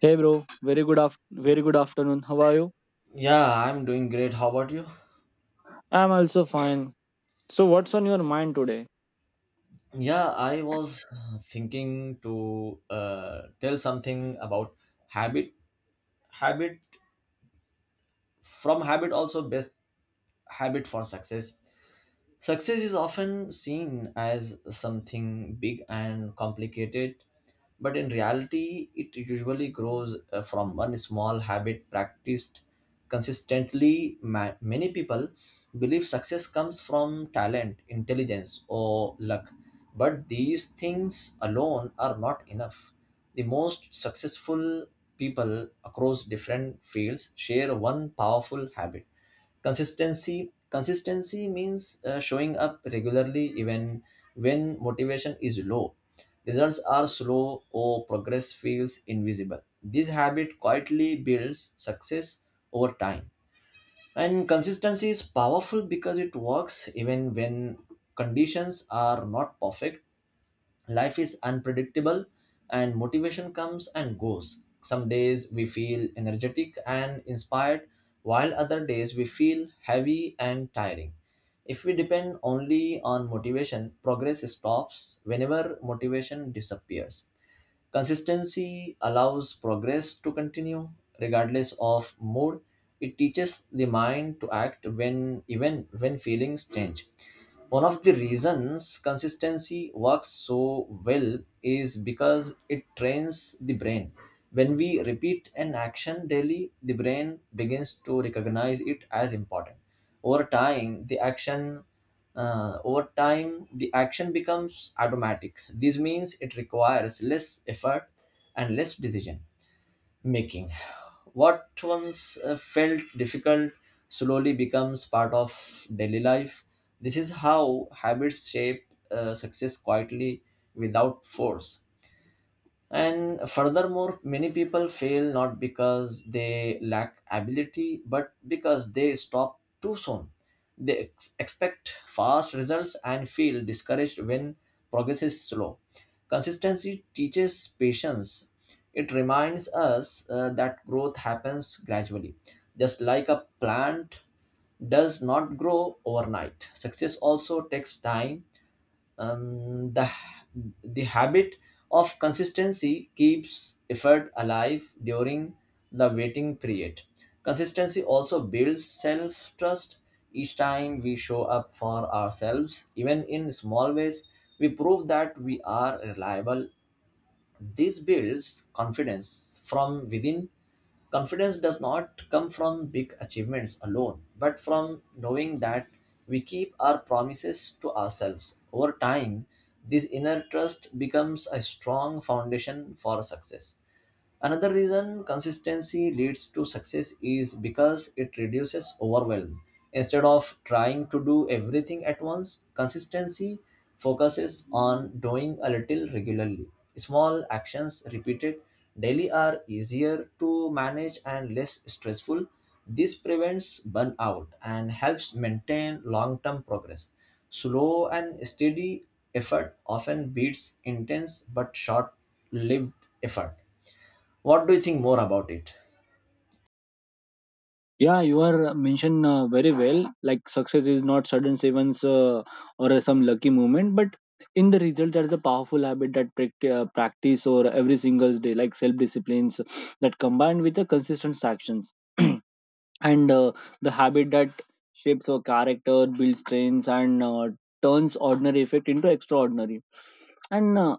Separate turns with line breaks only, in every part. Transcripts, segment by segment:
Hey bro, very good afternoon. How are you?
Yeah, I'm doing great. How about you?
I'm also fine. So what's on your mind today?
Yeah, I was thinking to tell something about habit. Habit from habit also best habit for success. Success is often seen as something big and complicated, but in reality, it usually grows from one small habit practiced consistently. Many people believe success comes from talent, intelligence, or luck, but these things alone are not enough. The most successful people across different fields share one powerful habit. Consistency. Consistency means showing up regularly even when motivation is low. Results are slow or progress feels invisible. This habit quietly builds success over time. And consistency is powerful because it works even when conditions are not perfect. Life is unpredictable and motivation comes and goes. Some days we feel energetic and inspired, while other days we feel heavy and tiring. If we depend only on motivation, progress stops whenever motivation disappears. Consistency allows progress to continue regardless of mood. It teaches the mind to act when even when feelings change. One of the reasons consistency works so well is because it trains the brain. When we repeat an action daily, the brain begins to recognize it as important. Over time, the action over time, the action becomes automatic. This means it requires less effort and less decision making. What once felt difficult slowly becomes part of daily life. This is how habits shape success quietly without force. And furthermore, many people fail not because they lack ability, but because they stop too soon. They expect fast results and feel discouraged when progress is slow. Consistency teaches patience. It reminds us that growth happens gradually. Just like a plant does not grow overnight, success also takes time. Um, the the habit of consistency keeps effort alive during the waiting period. Consistency also builds self trust. Each time we show up for ourselves even in small ways, we prove that we are reliable. This builds confidence from within. Confidence does not come from big achievements alone, but from knowing that we keep our promises to ourselves. Over time, this inner trust becomes a strong foundation for success. Another reason consistency leads to success is because it reduces overwhelm. Instead of trying to do everything at once, consistency focuses on doing a little regularly. Small actions repeated daily are easier to manage and less stressful. This prevents burnout and helps maintain long term progress. Slow and steady effort often beats intense but short lived effort. What do you think more about it?
Yeah, you are mentioned very well. Like success is not sudden events or some lucky moment, but in the result, there is a powerful habit that practice or every single day, like self disciplines that combined with the consistent actions, and the habit that shapes our character, builds strengths, and turns ordinary effect into extraordinary. And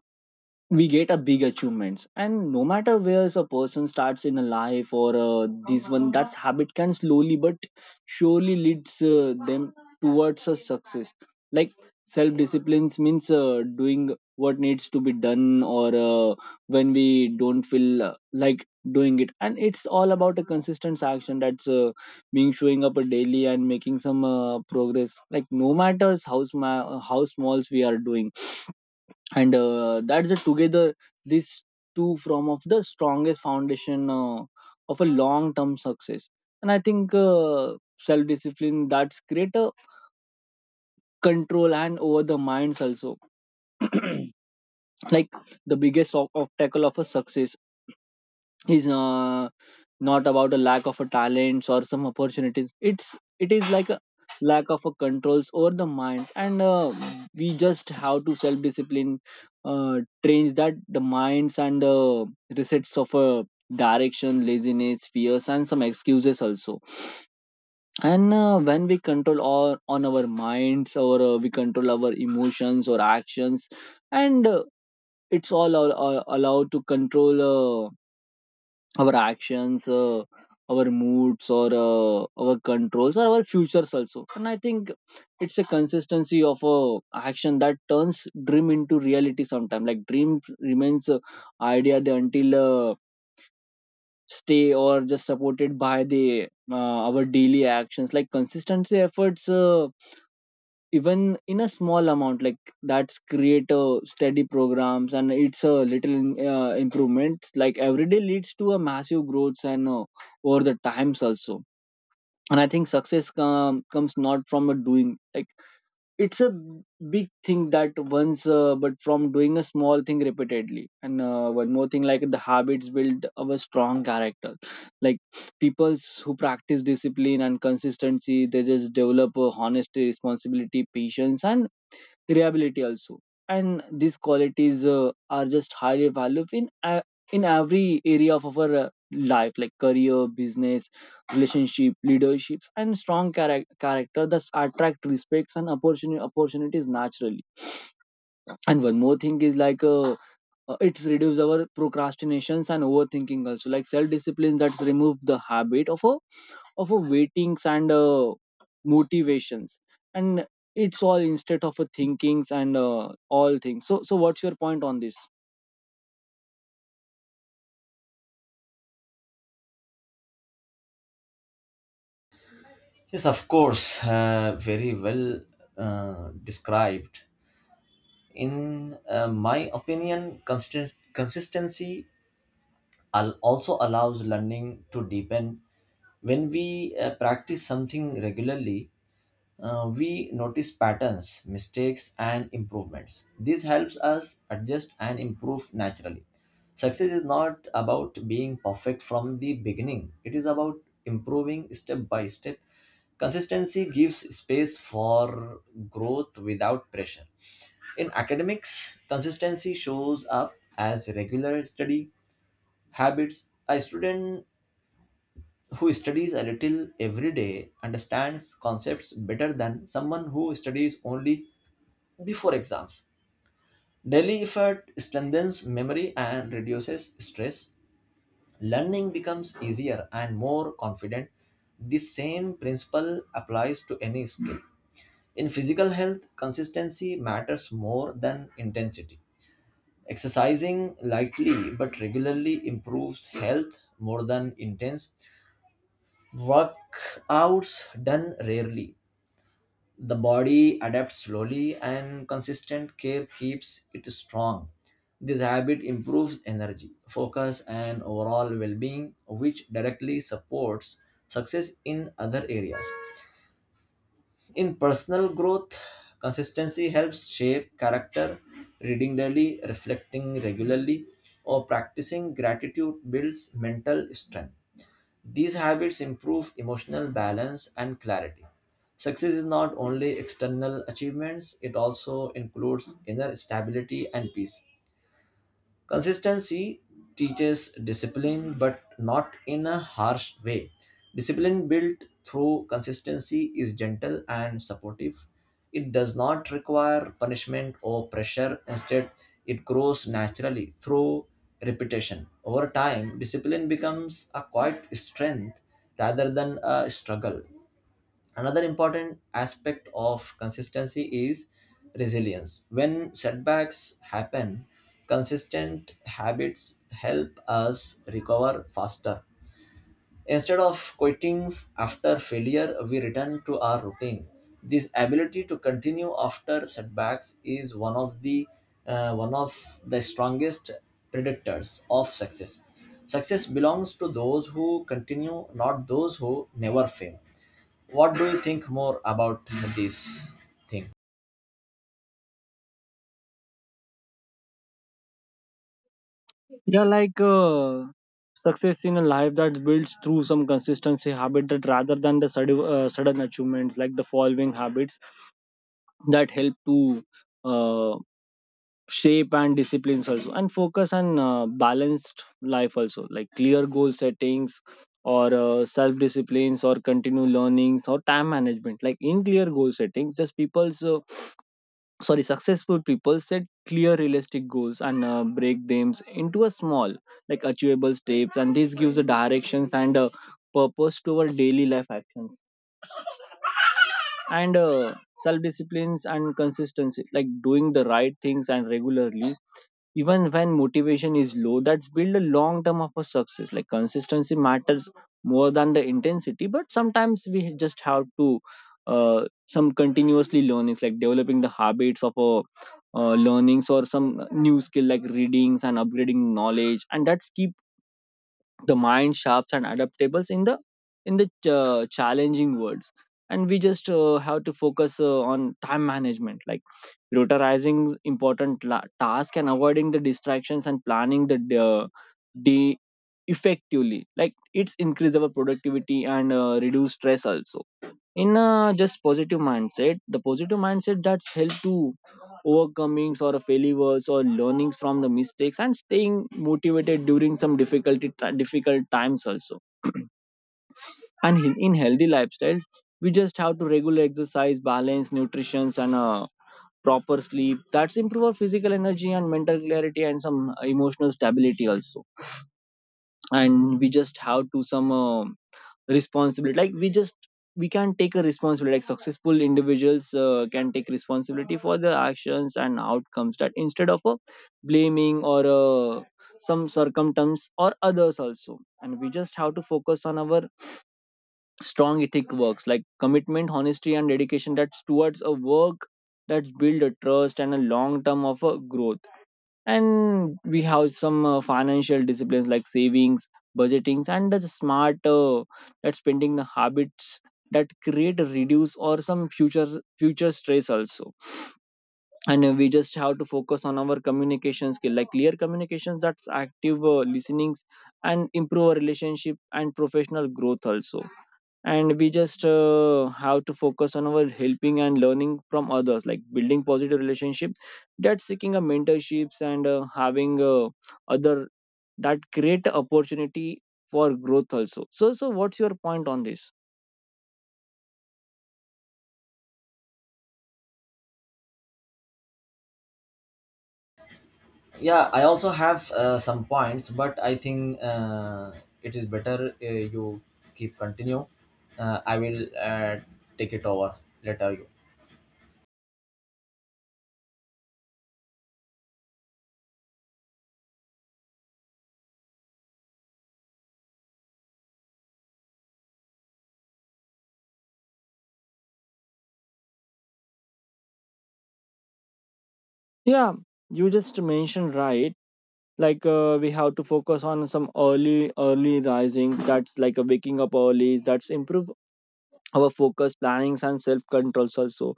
we get a big achievements, and no matter where a person starts in a life, or this one that's habit can slowly but surely leads them towards a success. Like self discipline means doing what needs to be done, or when we don't feel like doing it, and it's all about a consistent action that's being showing up a daily and making some progress, like no matters how, how smalls we are doing. And that's the together these two form of the strongest foundation of a long term success. And I think self discipline that's greater control and over the minds also, like the biggest obstacle of a success is not about a lack of a talents or some opportunities, it is like a lack of a controls over the mind. And we just have to self discipline uh, trains that the minds and the resets of a direction, laziness, fears, and some excuses also. And when we control all on our minds, or we control our emotions or actions, and it's all allowed to control our actions, our moods, or our controls, or our futures also. And I think it's a consistency of action that turns dream into reality. Sometimes, like dream remains idea, until uh, stay, or just supported by the our daily actions. Like consistency efforts. Even in a small amount, like that's create a steady programs, and it's a little improvements, like every day leads to a massive growth, and over the times also. And I think success comes not from a doing, like it's a big thing that once, but from doing a small thing repeatedly. And one more thing, like the habits build our strong character, like peoples who practice discipline and consistency, they just develop a honesty, responsibility, patience, and reliability also. And these qualities are just highly valued in every area of our life, like career, business, relationship, leaderships, and strong character that attract respects and opportunities naturally. And one more thing is, like it's reduce our procrastinations and overthinking also, like self discipline that's remove the habit of a waitings and motivations, and it's all instead of a thinkings and all things. So what's your point on this?
Yes, of course, very well described. In my opinion, consistency also allows learning to deepen. When we practice something regularly, we notice patterns, mistakes, and improvements. This helps us adjust and improve naturally. Success is not about being perfect from the beginning, it is about improving step by step. Consistency gives space for growth without pressure. In academics, consistency shows up as regular study habits. A student who studies a little every day understands concepts better than someone who studies only before exams. Daily effort strengthens memory and reduces stress. Learning becomes easier and more confident. This same principle applies to any skill. In physical health, consistency matters more than intensity. Exercising lightly but regularly improves health more than intense workouts done rarely. The body adapts slowly, and consistent care keeps it strong. This habit improves energy, focus, and overall well being, which directly supports success in other areas. In personal growth, consistency helps shape character. Reading daily, reflecting regularly, or practicing gratitude builds mental strength. These habits improve emotional balance and clarity. Success is not only external achievements, it also includes inner stability and peace. Consistency teaches discipline, but not in a harsh way. Discipline built through consistency is gentle and supportive. It does not require punishment or pressure. Instead, it grows naturally through repetition. Over time, discipline becomes a quiet strength rather than a struggle. Another important aspect of consistency is resilience. When setbacks happen, consistent habits help us recover faster. Instead of quitting after failure, we return to our routine. This ability to continue after setbacks is one of the strongest predictors of success. Success belongs to those who continue, not those who never fail. What do you think more about this thing?
Yeah, like success in a life that builds through some consistency habit, that rather than the sudden achievements, like the following habits that help to uh, shape and disciplines also, and focus on balanced life also, like clear goal settings, or self disciplines, or continue learnings, or time management. Like in clear goal settings, just people's sorry, successful people set clear realistic goals and break them into a small like achievable steps, and this gives a directions and a purpose to our daily life actions. And self disciplines and consistency, like doing the right things and regularly even when motivation is low, that's build a long term of a success. Like consistency matters more than the intensity, but sometimes we just have to some continuously learnings, like developing the habits of a learnings or some new skill, like readings and upgrading knowledge, and that's keep the mind sharps and adaptable in the challenging words. And we just have to focus on time management, like prioritizing important task and avoiding the distractions and planning the uh, de effectively, like it's increase our productivity and reduce stress also. In a just positive mindset, the positive mindset that's helped to overcoming or failures or learnings from the mistakes and staying motivated during some difficult times also. And in healthy lifestyles, we just have to regular exercise, balance nutrition, and proper sleep that's improve our physical energy and mental clarity and some emotional stability also. And we just have to some responsibility, like we can take a responsibility, like successful individuals can take responsibility for their actions and outcomes, that instead of blaming or some circumstance or others also. And we just have to focus on our strong ethic works, like commitment, honesty, and dedication that's towards a work, that's build a trust and a long term of a growth. And we have some financial disciplines, like savings, budgetings, and the smart that spending the habits that create a reduce or some future stress also. And we just have to focus on our communication skill, like clear communications that's active listenings, and improve our relationship and professional growth also. And we just have to focus on our helping and learning from others, like building positive relationship, that seeking a mentorships and having other, that create opportunity for growth also. So what's your point on this?
Yeah, I also have some points, but I think it is better you keep continue. I will take it over later, you.
Yeah, you just mentioned right. Like we have to focus on some early risings, that's like a waking up early, that's improve our focus plannings and self controls also.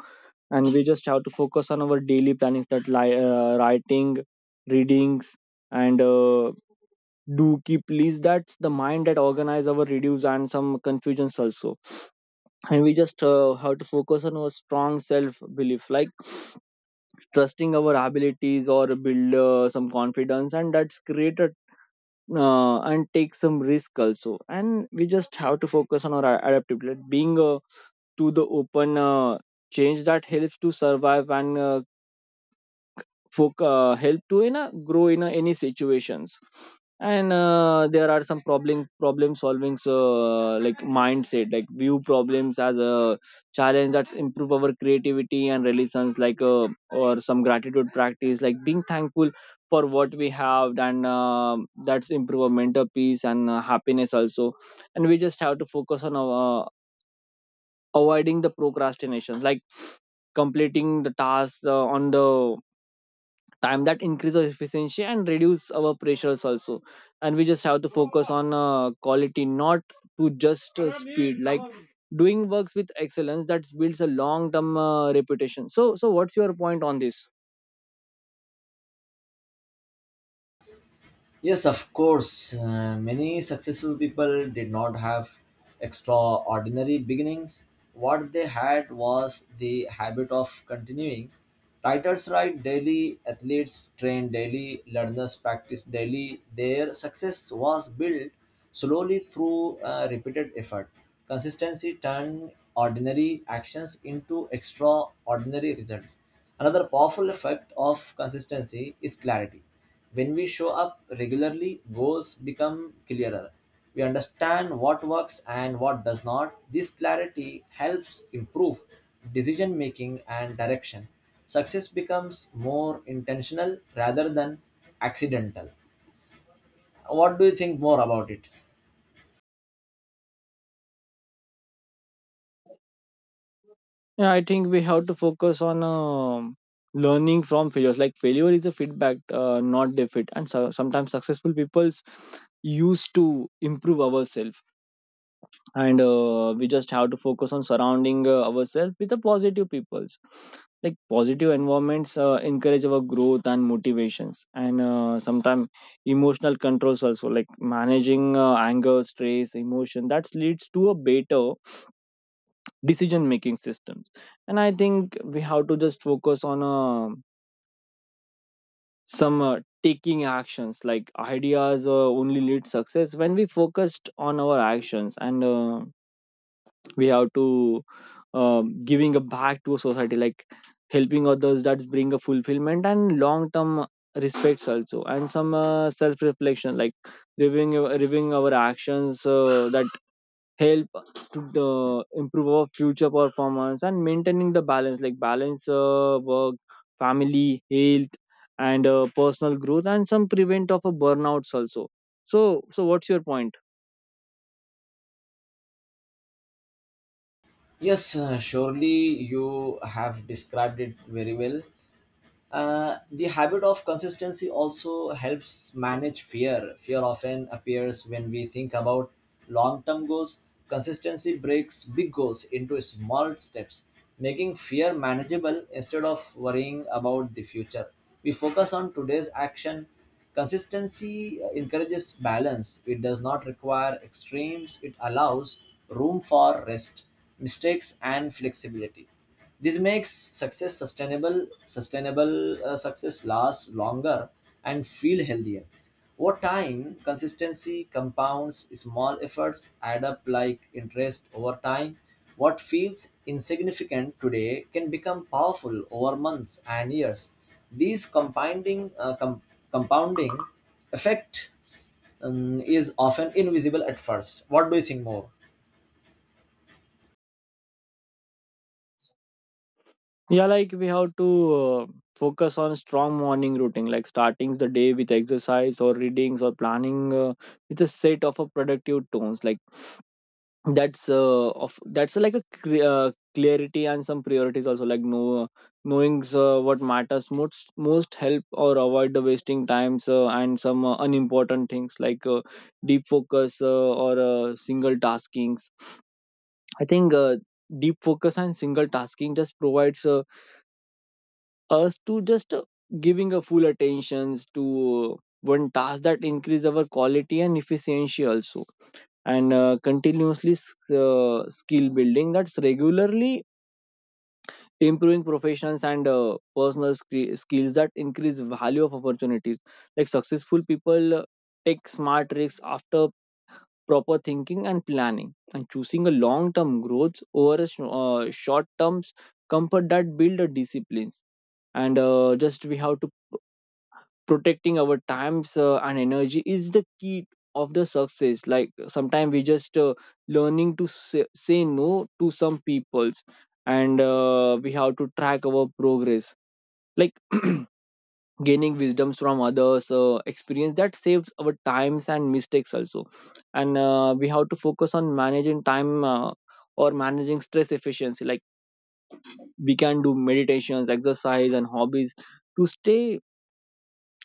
And we just have to focus on our daily plannings, that writing, readings, and do keep list, that's the mind that organize our reduce and some confusions also. And we just have to focus on our strong self belief, like trusting our abilities or build some confidence, and that's created and take some risk also. And we just have to focus on our adaptability, like being to the open change that helps to survive and folk help to grow in any situations. And there are some problem solving, like mindset, like view problems as a challenge, that improve our creativity and relations, like or some gratitude practice, like being thankful for what we have, and that's improve our mental peace and happiness also. And we just have to focus on avoiding the procrastination, like completing the tasks on the time, that increases efficiency and reduce our pressures also. And we just have to focus on quality, not to just speed, like doing works with excellence that builds a long term reputation. So what's your point on this?
Yes, of course. Many successful people did not have extraordinary beginnings. What they had was the habit of continuing. Writers write daily, athletes train daily, learners practice daily. Their success was built slowly through repeated effort. Consistency turned ordinary actions into extraordinary results. Another powerful effect of consistency is clarity. When we show up regularly, goals become clearer. We understand what works and what does not. This clarity helps improve decision making and direction. Success becomes more intentional rather than accidental. What do you think more about it?
Yeah, I think we have to focus on learning from failures, like failure is a feedback, not defeat, and so, sometimes successful people's used to improve ourselves. And we just have to focus on surrounding ourselves with the positive peoples, like positive environments encourage our growth and motivations. And sometimes emotional controls also, like managing anger, stress, emotion, that leads to a better decision making systems. And I think we have to just focus on some taking actions, like ideas only lead success when we focused on our actions. And we have to giving a back to society, like helping others, that bring a fulfillment and long term respects also. And some self reflection, like reviewing reviewing our actions that help to improve our future performance, and maintaining the balance, like balance work, family, health, and personal growth, and some prevent of a burnouts also. So what's your point?
Yes, surely you have described it very well. The habit of consistency also helps manage fear. Fear often appears when we think about long term goals. Consistency breaks big goals into small steps, making fear manageable. Instead of worrying about the future, we focus on today's action. Consistency encourages balance. It does not require extremes, it allows room for rest, mistakes, and flexibility. This makes success sustainable. Success lasts longer and feel healthier. Over time, consistency compounds. Small efforts add up like interest over time. What feels insignificant today can become powerful over months and years. These compounding effect is often invisible at first. What do you think more?
Yeah, like we have to focus on strong morning routine, like starting the day with exercise or readings or planning with a set of a productive tones. Like that's like a clarity and some priorities also. Like knowing what matters most help or avoid the wasting times and some unimportant things, like deep focus or single taskings. I think deep focus and single tasking just provides. Us to just giving a full attentions to one task that increase our quality and efficiency also, and continuously skill building that's regularly improving professions and personal skills that increase value of opportunities. Like successful people take smart risks after proper thinking and planning, and choosing a long term growth over a short term comfort that build a disciplines. And just we have to protecting our times and energy is the key of the success. Like sometimes we just learning to say no to some peoples, and we have to track our progress, like gaining wisdoms from others experience that saves our times and mistakes also. And we have to focus on managing time or managing stress efficiency. Like we can do meditations, exercise, and hobbies to stay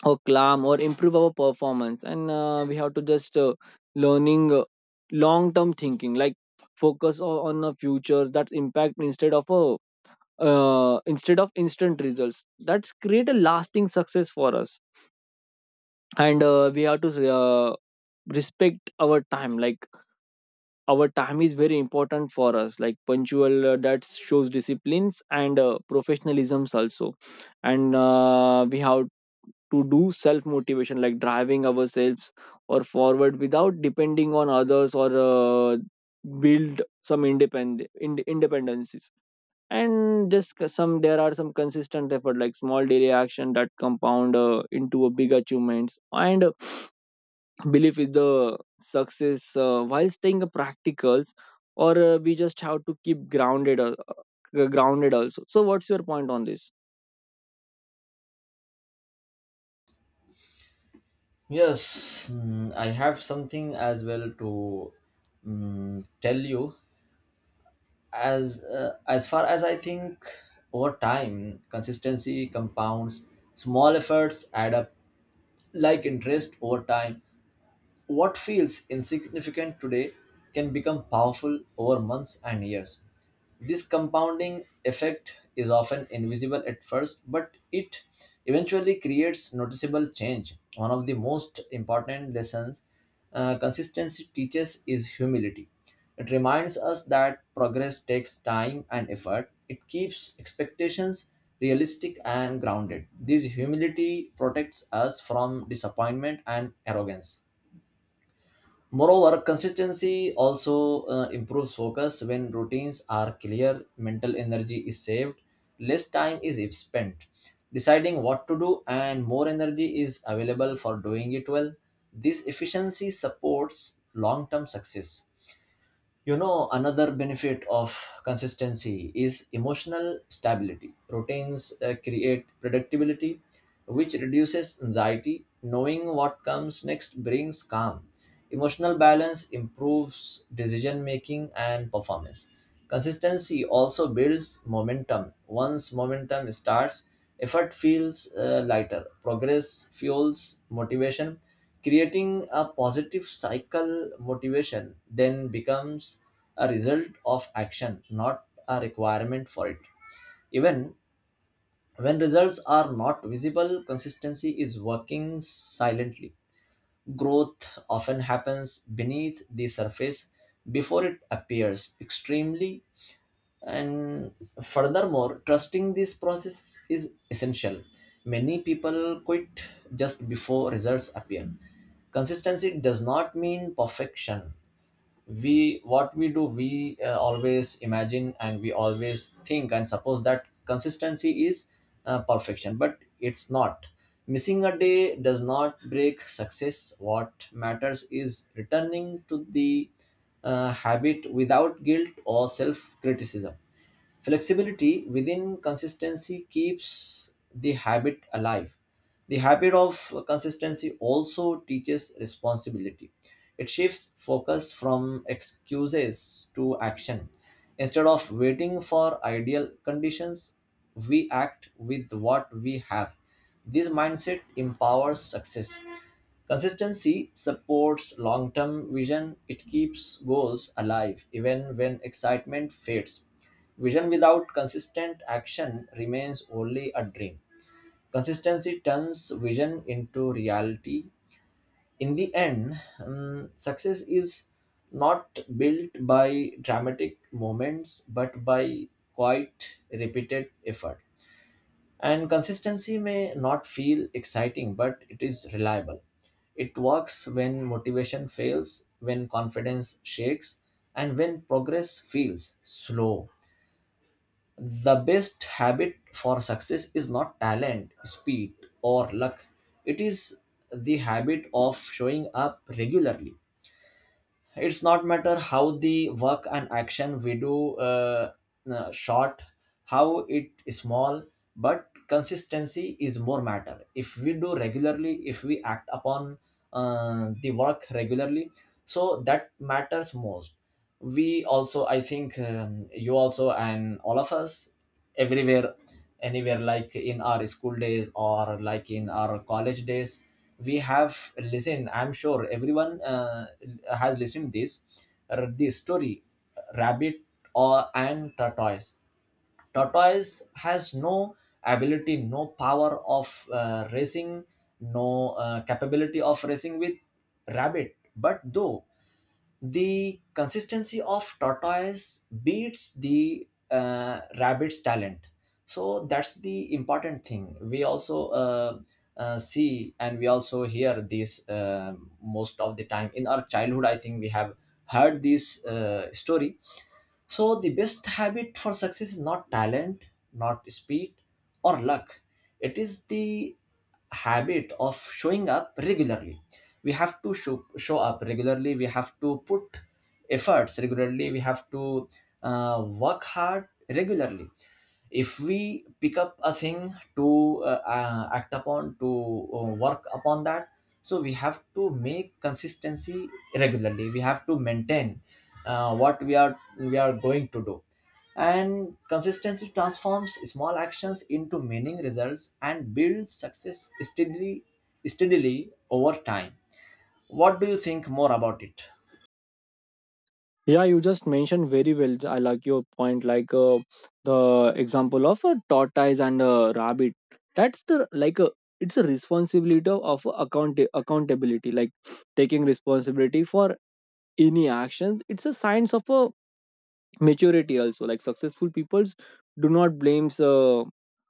or calm or improve our performance. And we have to just learning long term thinking, like focus on the futures that impact instead of a instead of instant results that's create a lasting success for us. And we have to respect our time, like our time is very important for us, like punctual that shows disciplines and professionalisms also. And we have to do self motivation, like driving ourselves or forward without depending on others, or build some independent independencies. And just some there are some consistent effort, like small daily action that compound into a big achievements and belief is the success while staying practicals. Or we just have to keep grounded grounded also. So what's your point on this?
Yes, mm, I have something as well to tell you. As far as I think, over time, consistency compounds. Small efforts add up like interest over time. What feels insignificant today can become powerful over months and years. This compounding effect is often invisible at first, but it eventually creates noticeable change. One of the most important lessons consistency teaches is humility. It reminds us that progress takes time and effort. It keeps expectations realistic and grounded. This humility protects us from disappointment and arrogance. Moreover, consistency also improves focus. When routines are clear, mental energy is saved, less time is spent deciding what to do, and more energy is available for doing it well. This efficiency supports long term success. You know, another benefit of consistency is emotional stability. Routines create predictability, which reduces anxiety. Knowing what comes next brings calm. Emotional balance improves decision making and performance. Consistency also builds momentum. Once momentum starts, effort feels lighter. Progress fuels motivation, creating a positive cycle. Motivation then becomes a result of action, not a requirement for it. Even when results are not visible, consistency is working silently. Growth often happens beneath the surface before it appears extremely. And furthermore, trusting this process is essential. Many people quit just before results appear. Consistency does not mean perfection. We What we do, we always imagine and we always think and suppose that consistency is perfection, but it's not. Missing a day does not break success. What matters is returning to the habit without guilt or self criticism. Flexibility within consistency keeps the habit alive. The habit of consistency also teaches responsibility. It shifts focus from excuses to action. Instead of waiting for ideal conditions, we act with what we have. This mindset empowers success. Consistency supports long term vision. It keeps goals alive even when excitement fades. Vision without consistent action remains only a dream. Consistency turns vision into reality. In the end, success is not built by dramatic moments but by quite repeated effort. And consistency may not feel exciting, but it is reliable. It works when motivation fails, when confidence shakes, and when progress feels slow. The best habit for success is not talent, speed, or luck. It is the habit of showing up regularly. It's not matter how the work and action we do, short how it is small, but consistency is more matter if we do regularly, if we act upon the work regularly. So that matters most. We also, I think, you also and all of us everywhere anywhere, like in our school days or like in our college days, we have listened. I'm sure everyone has listened this this story, rabbit or and tortoise. Tortoise has no ability, no power of racing, no capability of racing with rabbit, but though the consistency of tortoise beats the rabbit's talent. So that's the important thing. We also see and we also hear this most of the time in our childhood. I think we have heard this story. So the best habit for success is not talent, not speed or luck. It is the habit of showing up regularly. We have to show up regularly. We have to put efforts regularly. We have to work hard regularly. If we pick up a thing to act upon, to work upon that, so we have to make consistency regularly. We have to maintain what we are going to do. And consistency transforms small actions into meaning results and builds success steadily over time. What do you think more about it?
Yeah, you just mentioned very well. I like your point, like the example of a tortoise and a rabbit. That's the, like a, it's a responsibility of accountability, like taking responsibility for any actions. It's a signs of a maturity also. Like successful peoples do not blames.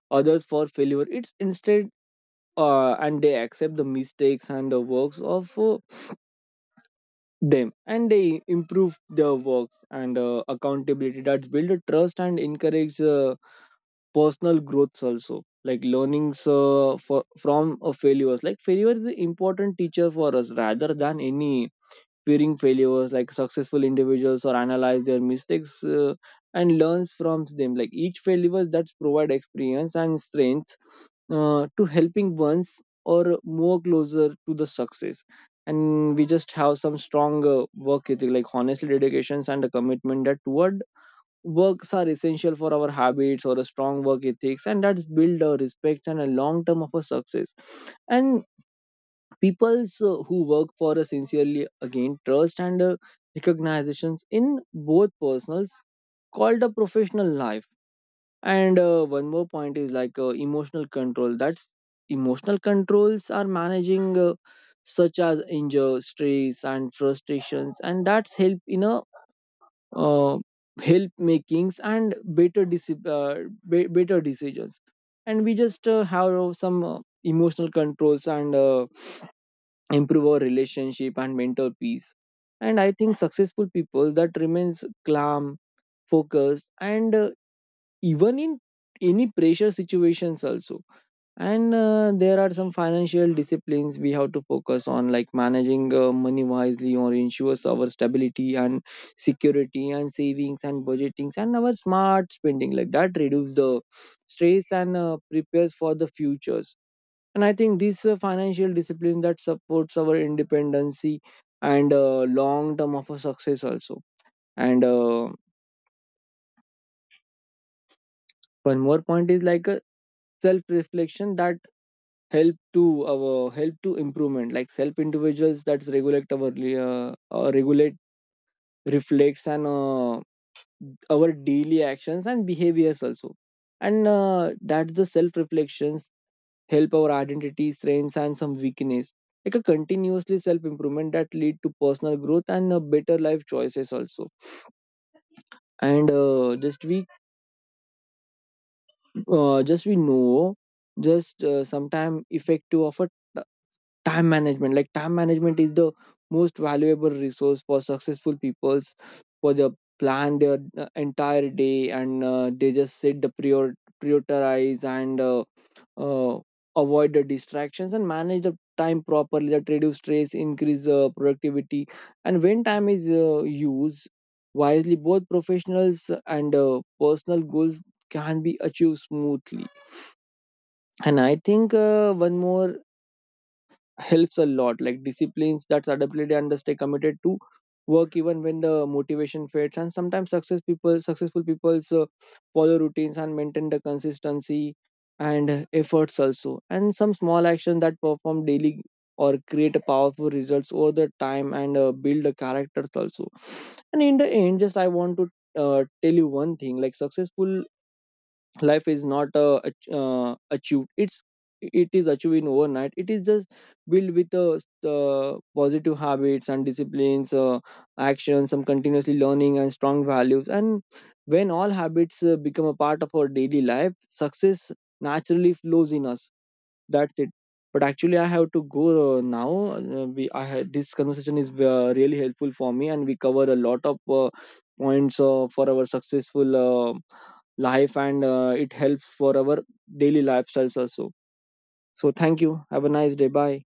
Others for failure it's instead and they accept the mistakes and the works of them, and they improve their works. And accountability that's build a trust and encourage personal growth also, like learnings from failures. Like failure is an important teacher for us rather than any fearing failures. Like successful individuals or analyze their mistakes and learns from them. Like each failures that provide experience and strength to helping ones or more closer to the success. And we just have some strong work ethic, like honestly dedications and a commitment that toward works are essential for our habits or a strong work ethics, and that's build a respect and a long term of a success. And peoples who work for us sincerely again trust and recognitions in both personals called a professional life. And one more point is like emotional control. That's emotional controls are managing such as anger, stress, and frustrations, and that's help in a uh, help makings and better better decisions. And we just have some emotional controls and improve our relationship and mental peace. And I think successful people that remains calm, focused, and even in any pressure situations also. And there are some financial disciplines we have to focus on, like managing money wisely or ensures our stability and security, and savings and budgetings and our smart spending, like that reduce the stress and prepares for the futures. And I think this financial discipline that supports our independency and long term of a success also. And one more point is like a self-reflection that help to our help to improvement, like self individuals that regulate our regulate reflects and our daily actions and behaviors also, and that's the self reflections help our identity, strengths, and some weakness. Like a continuously self improvement that lead to personal growth and better life choices also. And just we know, just sometime effective of a t- time management. Like time management is the most valuable resource for successful peoples for the plan their entire day, and they just set the prioritize and uh, avoid the distractions and manage the time properly that reduce stress, increase productivity. And when time is used wisely, both professionals and personal goals can be achieved smoothly. And I think one more helps a lot, like disciplines that's adaptability and stay committed to work even when the motivation fades. And sometimes successful people follow routines and maintain the consistency and efforts also, and some small action that perform daily or create a powerful results over the time and build the characters also. And in the end, just I want to tell you one thing, like successful life is not achieved, it's it is achieved in overnight, it is just built with positive habits and disciplines, actions, some continuously learning and strong values. And when all habits become a part of our daily life, success naturally flows in us. That's it. But actually I have to go now. We I had this conversation is really helpful for me, and we cover a lot of points for our successful life, and it helps for our daily lifestyles also. So thank you. Have a nice day. Bye.